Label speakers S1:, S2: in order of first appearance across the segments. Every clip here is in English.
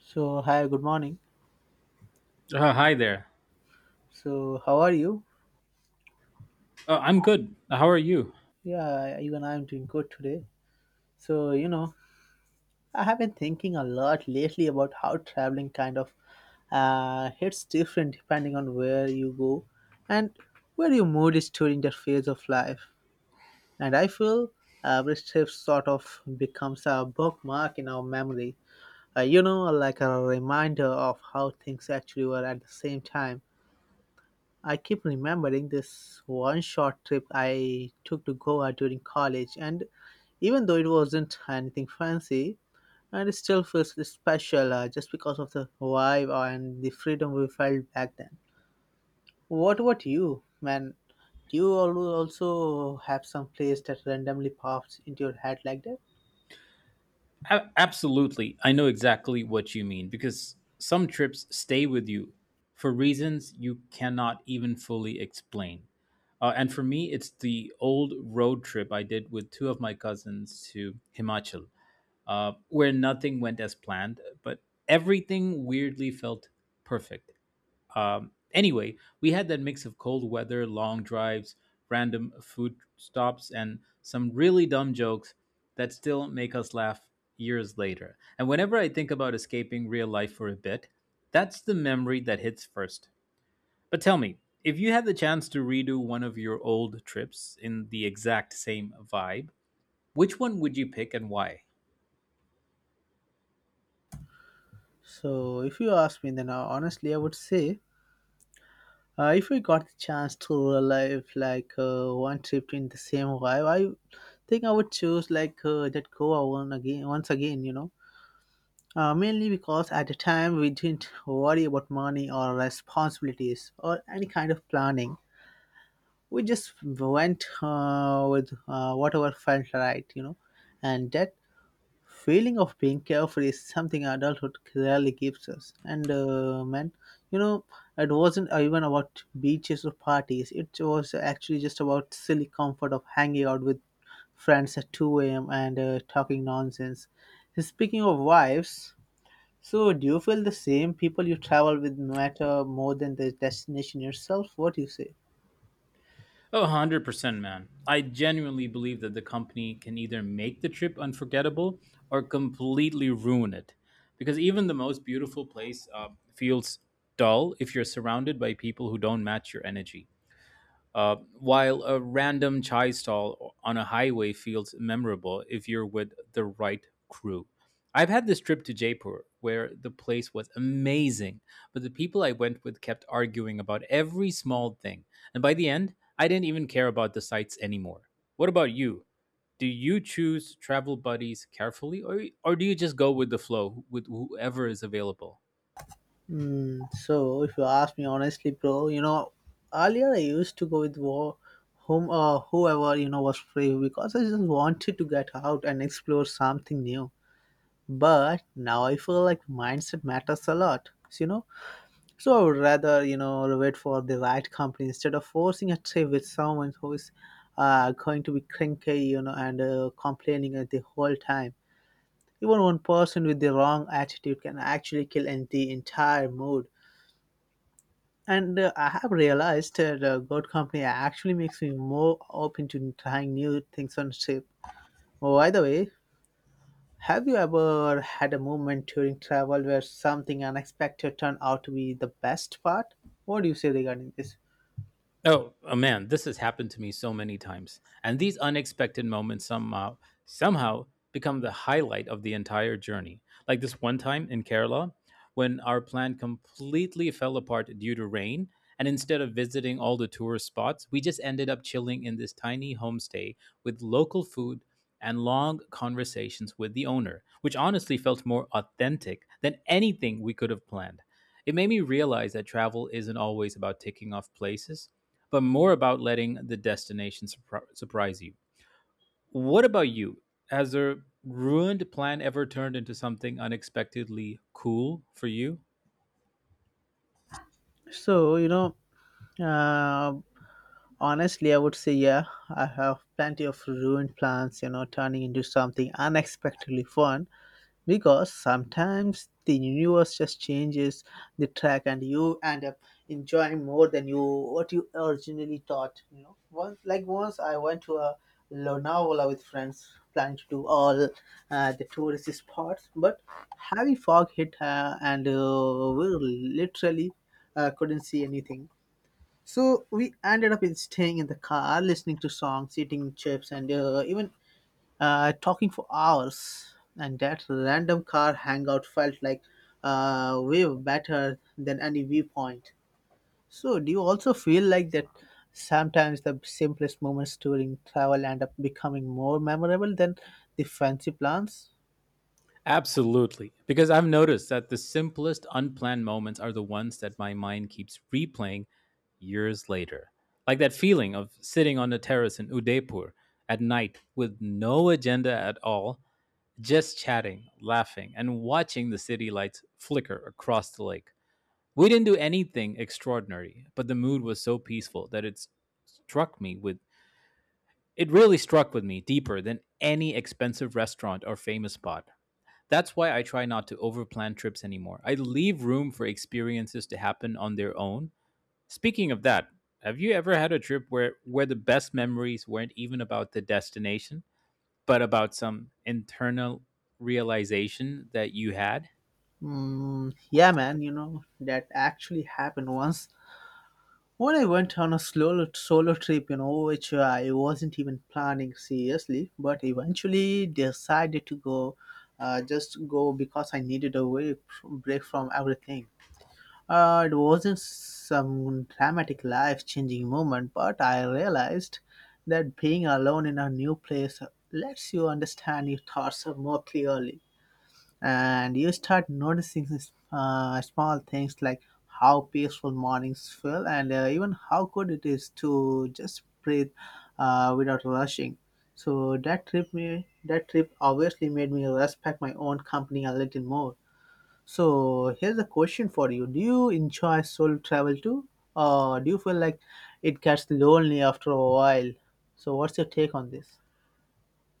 S1: So hi, good morning.
S2: Hi there.
S1: So how are you?
S2: I'm good. How are you?
S1: Yeah, even I'm doing good today. So you know, I have been thinking a lot lately about how traveling kind of hits different depending on where you go and where your mood is during that phase of life. And I feel every trip sort of becomes a bookmark in our memory. You know, like a reminder of how things actually were at the same time I keep remembering this one short trip I took to Goa during college, and even though it wasn't anything fancy, and it still feels special just because of the vibe and the freedom we felt back then. What about you, man? Do you also have some place that randomly pops into your head like that?
S2: Absolutely. I know exactly what you mean because some trips stay with you for reasons you cannot even fully explain. And for me, it's the old road trip I did with two of my cousins to Himachal, where nothing went as planned, but everything weirdly felt perfect. Anyway, we had that mix of cold weather, long drives, random food stops, and some really dumb jokes that still make us laugh years later. And whenever I think about escaping real life for a bit, that's the memory that hits first. But tell me, if you had the chance to redo one of your old trips in the exact same vibe, which one would you pick and why?
S1: So, if you ask me, then honestly, I would say if we got the chance to relive like one trip in the same vibe, I think I would choose like that Goa one again, once again. You know, mainly because at the time we didn't worry about money or responsibilities or any kind of planning. We just went with whatever felt right. You know, and that feeling of being carefree is something adulthood rarely gives us. And man, you know, it wasn't even about beaches or parties. It was actually just about silly comfort of hanging out with friends at 2 a.m. and talking nonsense. Speaking of wives, so do you feel the same people you travel with matter more than the destination yourself? What do you say?
S2: Oh, 100%, man. I genuinely believe that the company can either make the trip unforgettable or completely ruin it. Because even the most beautiful place feels dull if you're surrounded by people who don't match your energy. While a random chai stall on a highway feels memorable if you're with the right crew. I've had this trip to Jaipur where the place was amazing, but the people I went with kept arguing about every small thing. And by the end, I didn't even care about the sights anymore. What about you? Do you choose travel buddies carefully or do you just go with the flow with whoever is available?
S1: So if you ask me honestly, bro, you know, earlier I used to go with whom whoever you know was free because I just wanted to get out and explore something new. But now I feel like mindset matters a lot, you know. So I would rather you know wait for the right company instead of forcing a trip with someone who is going to be cranky, you know, and complaining at the whole time. Even one person with the wrong attitude can actually kill the entire mood. And I have realized that God Company actually makes me more open to trying new things on ship. Oh, by the way, have you ever had a moment during travel where something unexpected turned out to be the best part? What do you say regarding this?
S2: Oh man, this has happened to me so many times. And these unexpected moments somehow become the highlight of the entire journey. Like this one time in Kerala when our plan completely fell apart due to rain and instead of visiting all the tourist spots, we just ended up chilling in this tiny homestay with local food and long conversations with the owner, which honestly felt more authentic than anything we could have planned. It made me realize that travel isn't always about ticking off places but more about letting the destination surprise you. What about you? Has a ruined plan ever turned into something unexpectedly cool for you?
S1: So, you know, uh, honestly, I would say, yeah, I have plenty of ruined plans, you know, turning into something unexpectedly fun because sometimes the universe just changes the track and you end up enjoying more than you what you originally thought, you know. Once I went to a Lonavala with friends planning to do all the touristy spots, but heavy fog hit, and we literally couldn't see anything. So we ended up in staying in the car, listening to songs, eating chips, and even talking for hours. And that random car hangout felt like way better than any viewpoint. So do you also feel like that sometimes the simplest moments during travel end up becoming more memorable than the fancy plans?
S2: Absolutely. Because I've noticed that the simplest unplanned moments are the ones that my mind keeps replaying years later. Like that feeling of sitting on a terrace in Udaipur at night with no agenda at all, just chatting, laughing, and watching the city lights flicker across the lake. We didn't do anything extraordinary, but the mood was so peaceful that struck me with it really struck with me deeper than any expensive restaurant or famous spot. That's why I try not to overplan trips anymore. I leave room for experiences to happen on their own. Speaking of that, have you ever had a trip where the best memories weren't even about the destination, but about some internal realization that you had?
S1: Yeah, man, you know, that actually happened once. Well, I went on a slow solo trip, you know, which I wasn't even planning seriously, but eventually decided to go, just go because I needed a way break from everything. It wasn't some dramatic life-changing moment, but I realized that being alone in a new place lets you understand your thoughts more clearly and you start noticing small things like how peaceful mornings feel and even how good it is to just breathe without rushing. So that trip obviously made me respect my own company a little more. So here's a question for you: do you enjoy solo travel too, or do you feel like it gets lonely after a while? So what's your take on this?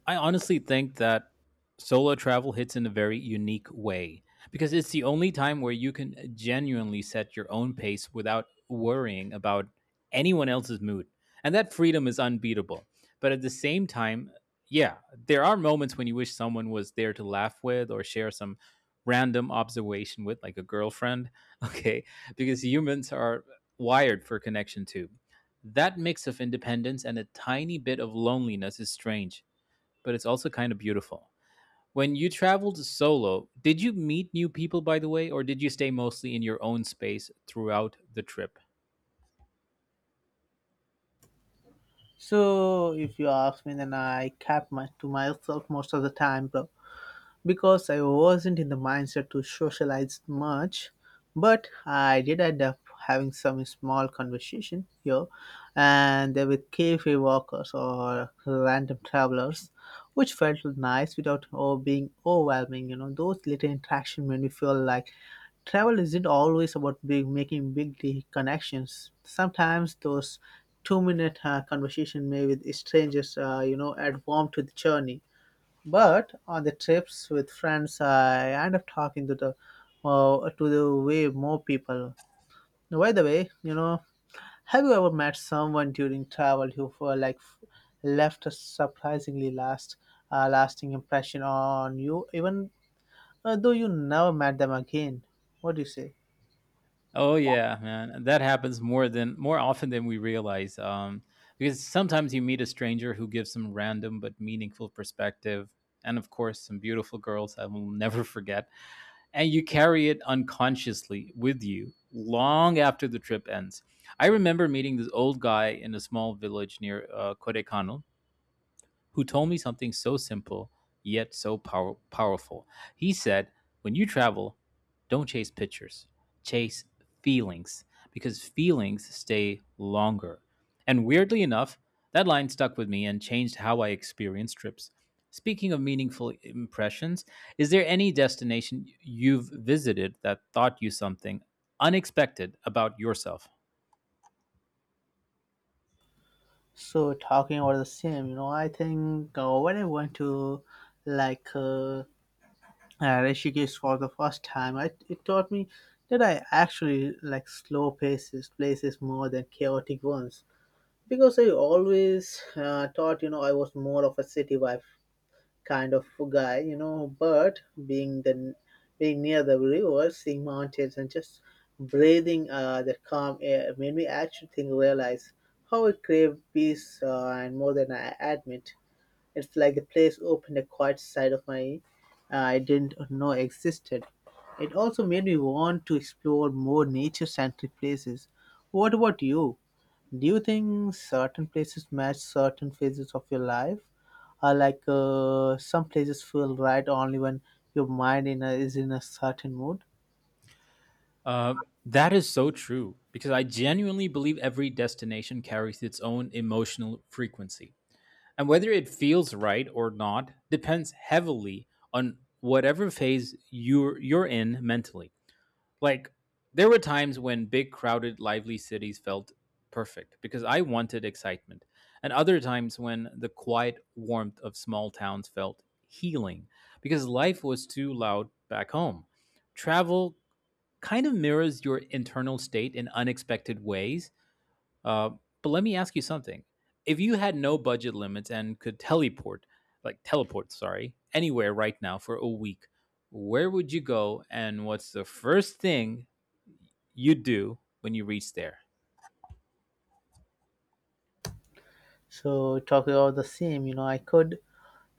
S2: I honestly think that solo travel hits in a very unique way because it's the only time where you can genuinely set your own pace without worrying about anyone else's mood. And that freedom is unbeatable. But at the same time, yeah, there are moments when you wish someone was there to laugh with or share some random observation with, like a girlfriend. Okay. Because humans are wired for connection too. That mix of independence and a tiny bit of loneliness is strange but it's also kind of beautiful. When you traveled solo, did you meet new people, by the way, or did you stay mostly in your own space throughout the trip?
S1: So if you ask me, then I cap my to myself most of the time, bro, because I wasn't in the mindset to socialize much. But I did end up having some small conversation here and there with cafe walkers or random travelers, which felt nice without oh, being overwhelming. You know, those little interaction made me feel like travel isn't always about big making big connections. Sometimes those two-minute conversation made with strangers, you know, add warmth to the journey. But on the trips with friends, I end up talking to the way more people. By the way, you know, have you ever met someone during travel who left a surprisingly lasting impression on you, even though you never met them again? What do you say?
S2: Oh yeah, man, that happens more often than we realize. Because sometimes you meet a stranger who gives some random but meaningful perspective, and of course, some beautiful girls I will never forget. And you carry it unconsciously with you long after the trip ends. I remember meeting this old guy in a small village near Kodekano who told me something so simple yet so powerful. He said, when you travel, don't chase pictures, chase feelings, because feelings stay longer. And weirdly enough, that line stuck with me and changed how I experience trips. Speaking of meaningful impressions, is there any destination you've visited that taught you something unexpected about yourself?
S1: So talking about the same, you know, I think when I went to like. Uh, Rishikesh for the first time, it taught me that I actually like slow paces places more than chaotic ones. Because I always thought, you know, I was more of a city vibe kind of guy, you know. But being the being near the river, seeing mountains, and just breathing that calm air made me actually realize how I crave peace and more than I admit. It's like the place opened a quiet side of my I didn't know existed. It also made me want to explore more nature-centric places. What about you? Do you think certain places match certain phases of your life? Or like some places feel right only when your is in a certain mood?
S2: Uh, that is so true because I genuinely believe every destination carries its own emotional frequency. And whether it feels right or not depends heavily on whatever phase you're in mentally. Like, there were times when big, crowded, lively cities felt perfect because I wanted excitement, and other times when the quiet warmth of small towns felt healing because life was too loud back home travel kind of mirrors your internal state in unexpected ways. Uh, but let me ask you something: if you had no budget limits and could teleport, like teleport, sorry, anywhere right now for a week, where would you go, and what's the first thing you do when you reach there?
S1: So talking about the same, you know, I could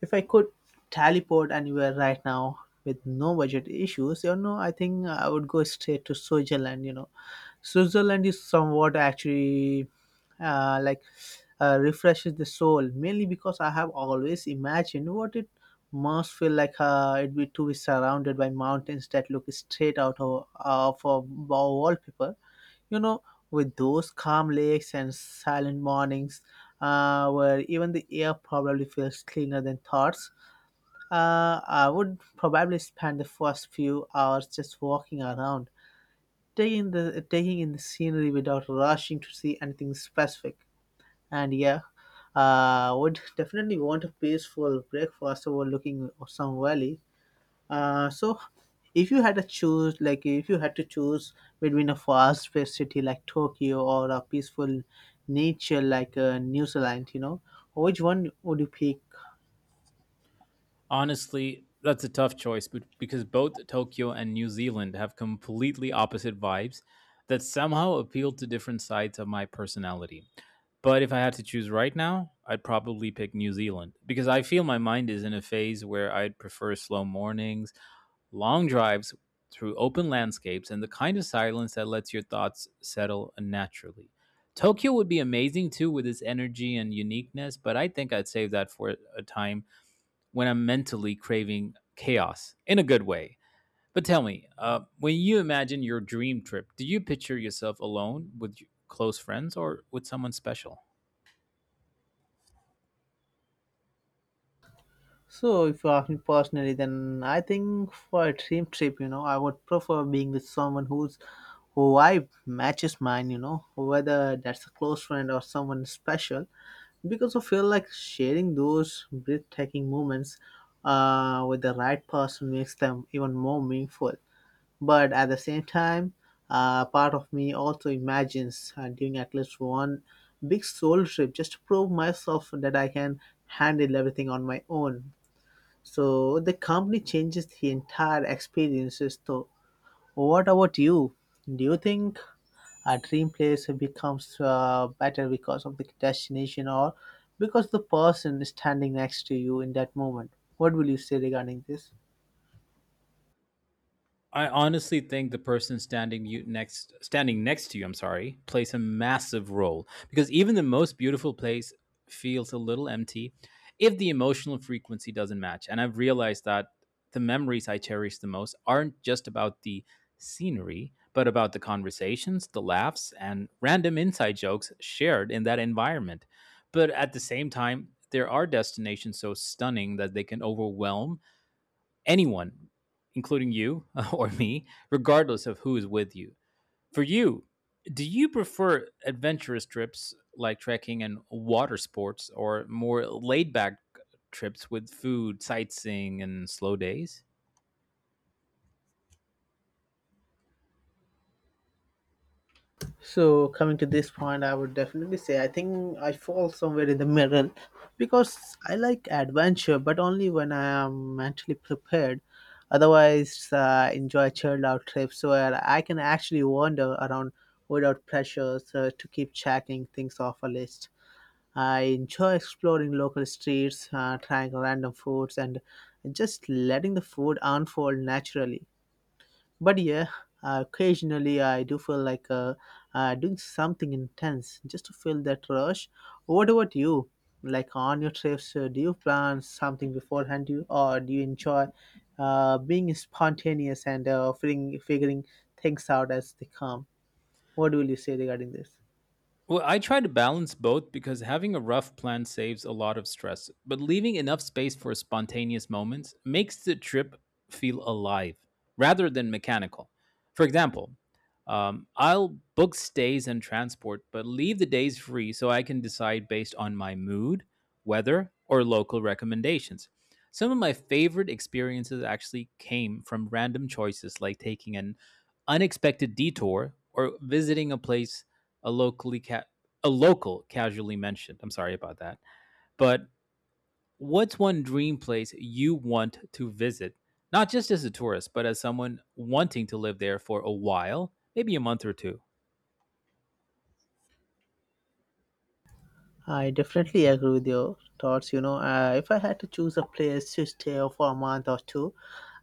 S1: if I could teleport anywhere right now with no budget issues, you know, I think I would go straight to Switzerland. You know, Switzerland is somewhat actually uh, like refreshes the soul, mainly because I have always imagined what it must feel like it be to be surrounded by mountains that look straight out of a wallpaper. You know, with those calm lakes and silent mornings where even the air probably feels cleaner than thoughts. I would probably spend the first few hours just walking around, taking in the scenery without rushing to see anything specific. And yeah, would definitely want a peaceful breakfast overlooking some valley. So if you had to choose, like if you had to choose between a fast-paced city like Tokyo or a peaceful nature like New Zealand, you know, which one would you pick?
S2: Honestly, that's a tough choice but because both Tokyo and New Zealand have completely opposite vibes that somehow appeal to different sides of my personality. But if I had to choose right now, I'd probably pick New Zealand because I feel my mind is in a phase where I'd prefer slow mornings, long drives through open landscapes, and the kind of silence that lets your thoughts settle naturally. Tokyo would be amazing too with its energy and uniqueness, but I think I'd save that for a time when I'm mentally craving chaos in a good way. But tell me, when you imagine your dream trip, do you picture yourself alone with your close friends or with someone special?
S1: So, if you ask me personally, then I think for a dream trip, you know, I would prefer being with someone who vibe matches mine, you know, whether that's a close friend or someone special, because I feel like sharing those breathtaking moments with the right person makes them even more meaningful. But at the same time, part of me also imagines doing at least one big soul trip just to prove myself that I can handle everything on my own. So the company changes the entire experiences. So what about you? Do you think a dream place becomes better because of the destination or because the person standing next to you in that moment? What will you say regarding this?
S2: I honestly think the person standing you next standing next to you, I'm sorry, plays a massive role because even the most beautiful place feels a little empty if the emotional frequency doesn't match. And I've realized that the memories I cherish the most aren't just about the scenery, but about the conversations, the laughs, and random inside jokes shared in that environment. But at the same time, there are destinations so stunning that they can overwhelm anyone, including you or me, regardless of who is with you. For you, do you prefer adventurous trips like trekking and water sports or more laid back trips with food, sightseeing, and slow days?
S1: So coming to this point, I would definitely say I think I fall somewhere in the middle because I like adventure, but only when I am mentally prepared. Otherwise, I enjoy chilled out trips where I can actually wander around without pressures to keep checking things off a list. I enjoy exploring local streets, trying random foods, and just letting the food unfold naturally. But yeah, occasionally I do feel like doing something intense just to feel that rush. What about you? Like on your trips, do you plan something beforehand, or do you enjoy being spontaneous and figuring things out as they come? What will you say regarding this?
S2: Well, I try to balance both because having a rough plan saves a lot of stress, but leaving enough space for spontaneous moments makes the trip feel alive rather than mechanical. For example, I'll book stays and transport, but leave the days free so I can decide based on my mood, weather, or local recommendations. Some of my favorite experiences actually came from random choices like taking an unexpected detour or visiting a place a locally ca- a local casually mentioned. I'm sorry about that. But what's one dream place you want to visit? Not just as a tourist, but as someone wanting to live there for a while, maybe a month or two.
S1: I definitely agree with your thoughts. You know, if I had to choose a place to stay for a month or two,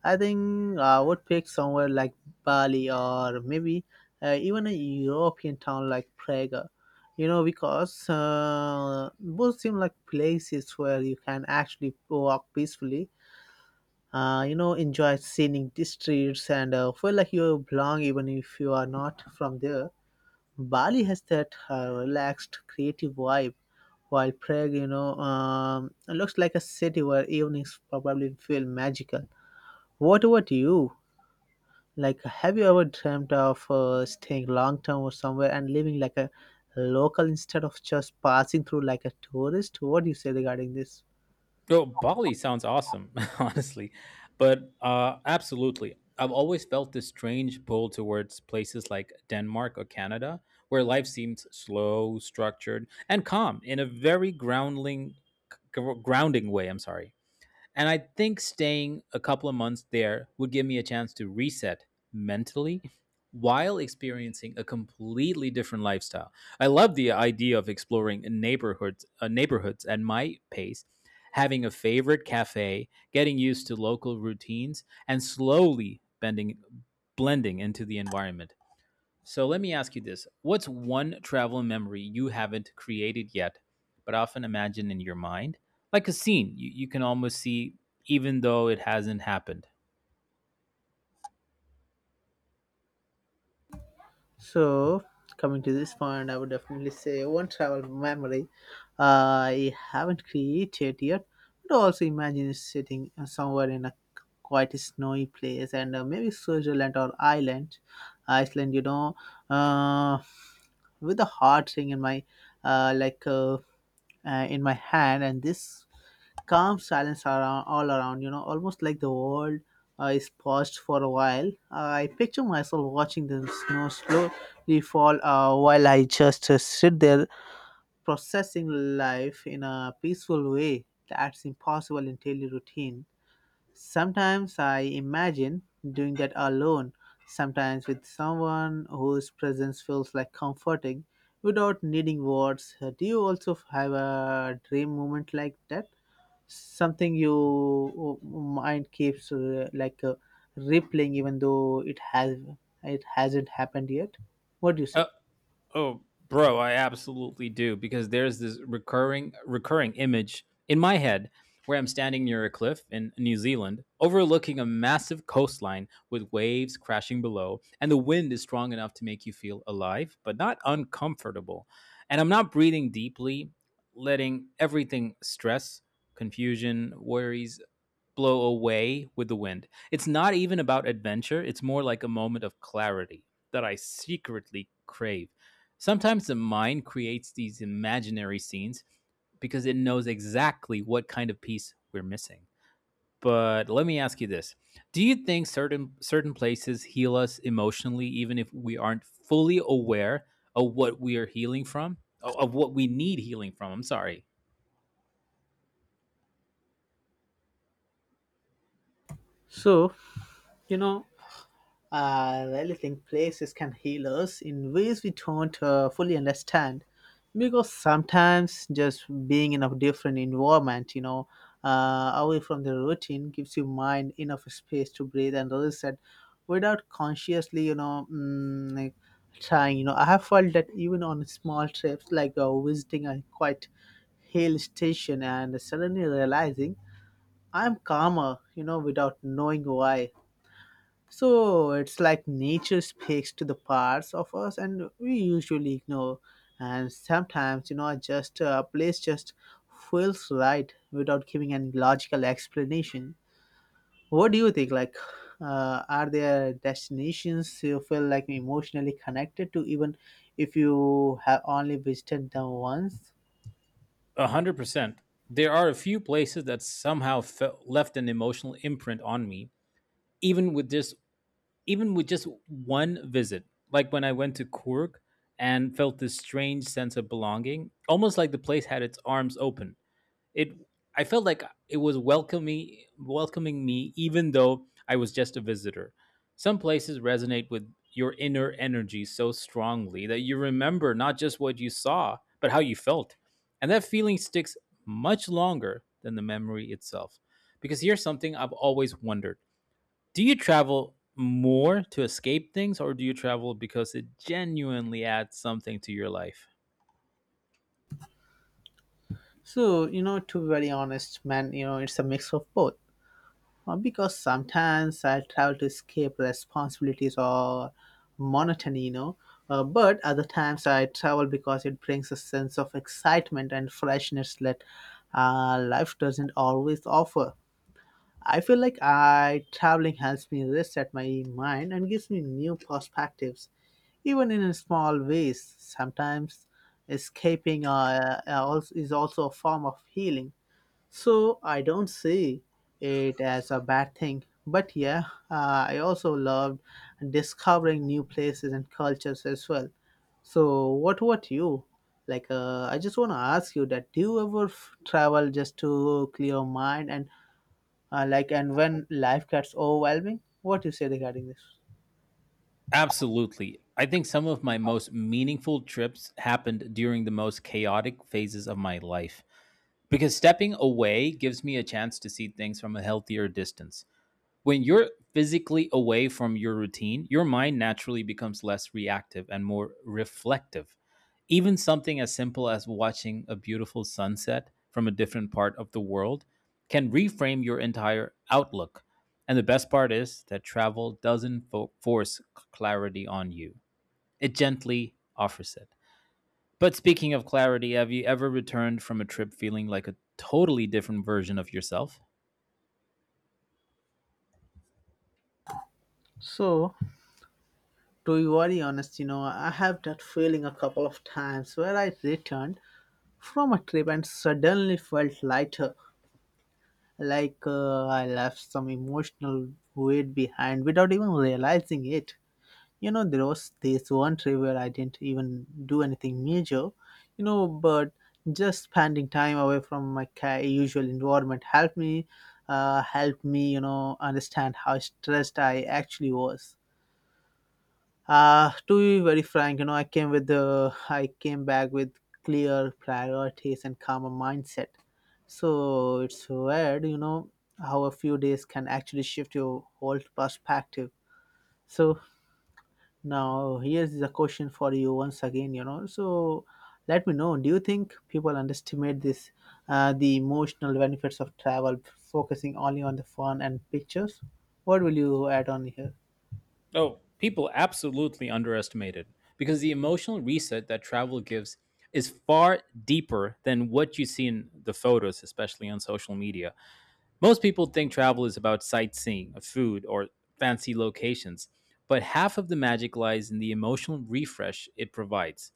S1: I think I would pick somewhere like Bali or maybe even a European town like Prague. You know, because both seem like places where you can actually walk peacefully. You know, enjoy scenic streets and feel like you belong even if you are not from there. Bali has that relaxed, creative vibe, while Prague, you know, looks like a city where evenings probably feel magical. What about you? Like, have you ever dreamt of staying long term or somewhere and living like a local instead of just passing through like a tourist? What do you say regarding this?
S2: Oh, Bali sounds awesome, honestly. But absolutely, I've always felt this strange pull towards places like Denmark or Canada, where life seems slow, structured, and calm in a very grounding way. I'm sorry. And I think staying a couple of months there would give me a chance to reset mentally while experiencing a completely different lifestyle. I love the idea of exploring neighborhoods at my pace, having a favorite cafe, getting used to local routines, and slowly bending blending into the environment. So let me ask you this. What's one travel memory you haven't created yet, but often imagine in your mind? Like a scene you can almost see, even though it hasn't happened.
S1: So, coming to this point, I would definitely say one travel memory I haven't created yet, but also imagine sitting somewhere in a quite snowy place and maybe Switzerland or Ireland, Iceland, you know, uh, with a heart thing in my uh, like. Uh, in my hand, and this calm silence around, all around, you know, almost like the world is paused for a while. I picture myself watching the snow slowly fall while I just sit there processing life in a peaceful way that's impossible in daily routine. Sometimes I imagine doing that alone, sometimes with someone whose presence feels like comforting without needing words. Do you also have a dream moment like that? Something you mind keeps rippling even though it hasn't happened yet. What do you
S2: Uh,
S1: say?
S2: Oh, bro, I absolutely do because there's this recurring image in my head where I'm standing near a cliff in New Zealand, overlooking a massive coastline with waves crashing below, and the wind is strong enough to make you feel alive, but not uncomfortable. And I'm not breathing deeply, letting everything stress, confusion, worries, blow away with the wind. It's not even about adventure, it's more like a moment of clarity that I secretly crave. Sometimes the mind creates these imaginary scenes because it knows exactly what kind of piece we're missing. But let me ask you this. Do you think certain places heal us emotionally even if we aren't fully aware of what we need healing from. I'm sorry.
S1: So, you know, I really think places can heal us in ways we don't fully understand because sometimes just being in a different environment, you know, away from the routine gives your mind enough space to breathe and reset without consciously, you know, like trying. You know, I have felt that even on small trips, like visiting a quite hill station and suddenly realizing I'm calmer, you know, without knowing why. So it's like nature speaks to the parts of us and we usually ignore. And sometimes, you know, just a place just feels right without giving any logical explanation. What do you think? Like, are there destinations you feel like emotionally connected to, even if you have only visited them once?
S2: 100%. There are a few places that somehow left an emotional imprint on me, even with just even with just one visit. Like when I went to Kurg and felt this strange sense of belonging, almost like the place had its arms open it I felt like it was welcoming welcoming me even though I was just a visitor. Some places resonate with your inner energy so strongly that you remember not just what you saw, but how you felt. And that feeling sticks much longer than the memory itself. Because here's something I've always wondered. Do you travel more to escape things or do you travel because it genuinely adds something to your life?
S1: So, you know, to be very honest, man, you know, it's a mix of both. Because sometimes I travel to escape responsibilities or monotony, you know. But other times I travel because it brings a sense of excitement and freshness that life doesn't always offer. I feel like I traveling helps me reset my mind and gives me new perspectives, even in small ways. Sometimes escaping is also a form of healing, so I don't see it as a bad thing. But yeah, I also loved discovering new places and cultures as well. So what about you? Like, I just want to ask you that do you ever travel just to clear your mind and and when life gets overwhelming, what you say regarding this?
S2: Absolutely. I think some of my most meaningful trips happened during the most chaotic phases of my life because stepping away gives me a chance to see things from a healthier distance. When you're physically away from your routine, your mind naturally becomes less reactive and more reflective. Even something as simple as watching a beautiful sunset from a different part of the world can reframe your entire outlook. And the best part is that travel doesn't force clarity on you, it gently offers it. But speaking of clarity, have you ever returned from a trip feeling like a totally different version of yourself?
S1: So, to be very honest, you know, I have that feeling a couple of times where I returned from a trip and suddenly felt lighter. Like I left some emotional weight behind without even realizing it. You know, there was this one trip where I didn't even do anything major, you know, but just spending time away from my usual environment helped me, you know, understand how stressed I actually was. To be very frank, you know, I came back with clear priorities and calmer mindset. So it's weird, you know, how a few days can actually shift your whole perspective. So now here's the question for you once again, you know. So let me know. Do you think people underestimate this, the emotional benefits of travel, focusing only on the fun and pictures? What will you add on here?
S2: Oh, people absolutely underestimate it because the emotional reset that travel gives is far deeper than what you see in the photos, especially on social media. Most people think travel is about sightseeing, food, or fancy locations, but half of the magic lies in the emotional refresh it provides.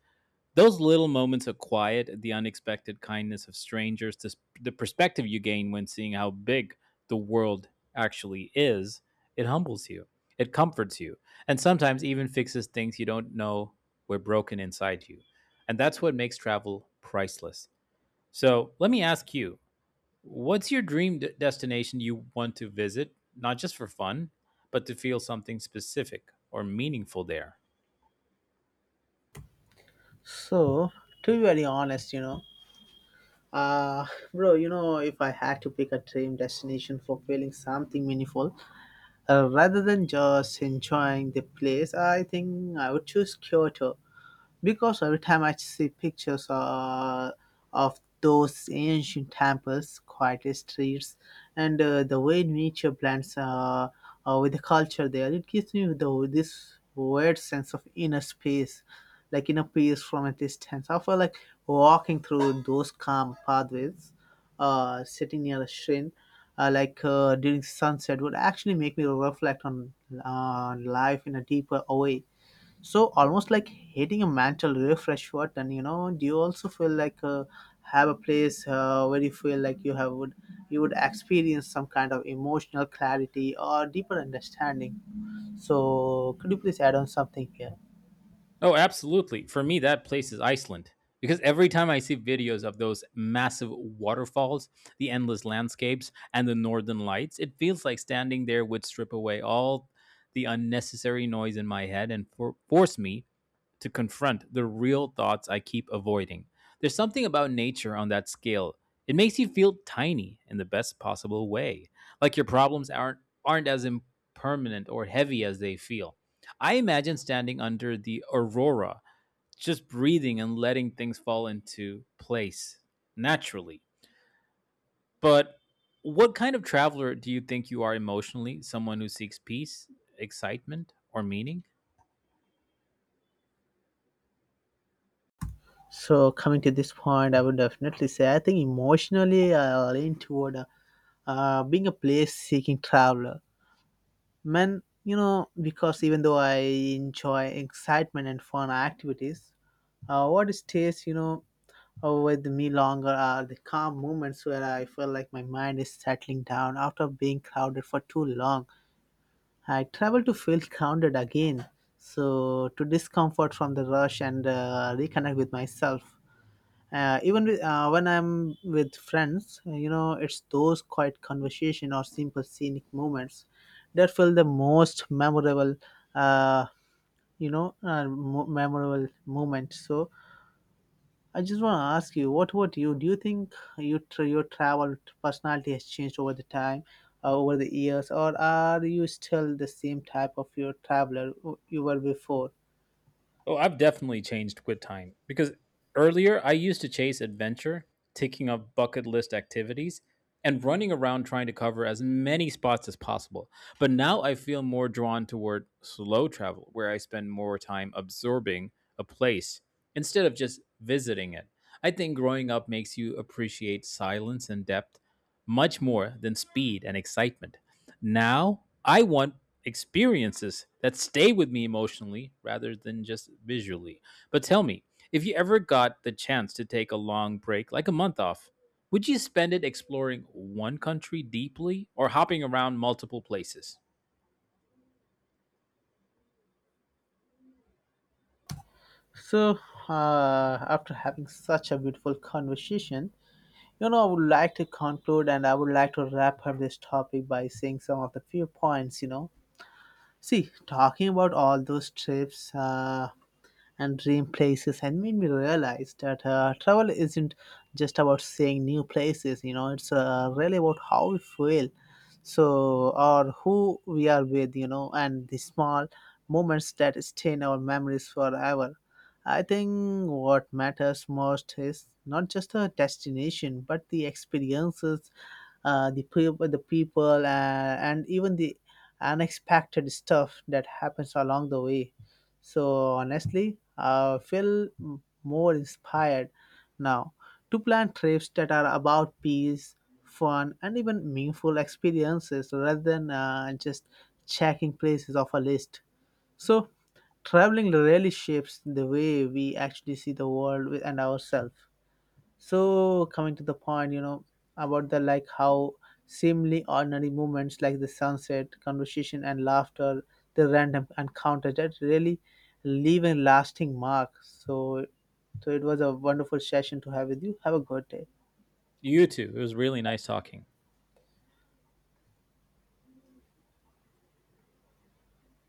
S2: Those little moments of quiet, the unexpected kindness of strangers, the perspective you gain when seeing how big the world actually is, it humbles you, it comforts you, and sometimes even fixes things you don't know were broken inside you. And that's what makes travel priceless. So let me ask you, what's your destination you want to visit, not just for fun, but to feel something specific or meaningful there?
S1: So to be very honest, you know. Uh, Bro, you know, if I had to pick a dream destination for feeling something meaningful, rather than just enjoying the place, I think I would choose Kyoto because every time I see pictures of those ancient temples, quiet streets, and the way nature blends with the culture there, it gives me this weird sense of inner space, like inner peace from a distance. I feel like walking through those calm pathways, sitting near a shrine, during sunset, would actually make me reflect on life in a deeper way, so almost like hitting a mental refresh button, you know. Do you also feel like have a place where you feel like you would experience some kind of emotional clarity or deeper understanding? So could you please add on something here?
S2: Oh, absolutely. For me, that place is Iceland. Because every time I see videos of those massive waterfalls, the endless landscapes, and the northern lights, it feels like standing there would strip away all the unnecessary noise in my head and force me to confront the real thoughts I keep avoiding. There's something about nature on that scale. It makes you feel tiny in the best possible way, like your problems aren't as impermanent or heavy as they feel. I imagine standing under the aurora, just breathing and letting things fall into place naturally. But what kind of traveler do you think you are emotionally? Someone who seeks peace, excitement, or meaning?
S1: So coming to this point, I would definitely say I think emotionally I lean toward being a place seeking traveler, man, you know, because even though I enjoy excitement and fun activities, what stays, you know, with me longer are the calm moments where I feel like my mind is settling down after being crowded for too long. I travel to feel grounded again, so to discomfort from the rush and reconnect with myself. When I'm with friends, you know, it's those quiet conversation or simple scenic moments that feel the most memorable. Uh, you know, memorable moment. So I just want to ask you, what about you? Do you think your travel personality has changed over the time, over the years, or are you still the same type of your traveler who you were before?
S2: Oh, I've definitely changed with time because earlier I used to chase adventure, ticking off bucket list activities, and running around trying to cover as many spots as possible. But now I feel more drawn toward slow travel, where I spend more time absorbing a place instead of just visiting it. I think growing up makes you appreciate silence and depth much more than speed and excitement. Now I want experiences that stay with me emotionally rather than just visually. But tell me, if you ever got the chance to take a long break, like a month off, would you spend it exploring one country deeply or hopping around multiple places?
S1: So, after having such a beautiful conversation, you know, I would like to conclude and I would like to wrap up this topic by saying some of the few points, you know. See, talking about all those trips, and dream places and made me realize that travel isn't just about seeing new places, you know, it's really about how we feel, so or who we are with, you know, and the small moments that stay in our memories forever. I think what matters most is not just the destination but the experiences, the people, and even the unexpected stuff that happens along the way. So honestly, I feel more inspired now to plan trips that are about peace, fun, and even meaningful experiences rather than just checking places off a list. So traveling really shapes the way we actually see the world and ourselves. So coming to the point, you know, about the like how seemingly ordinary moments like the sunset conversation and laughter, the random encounter that really leave a lasting mark. So so it was a wonderful session to have with you. Have a good day.
S2: You too. It was really nice talking.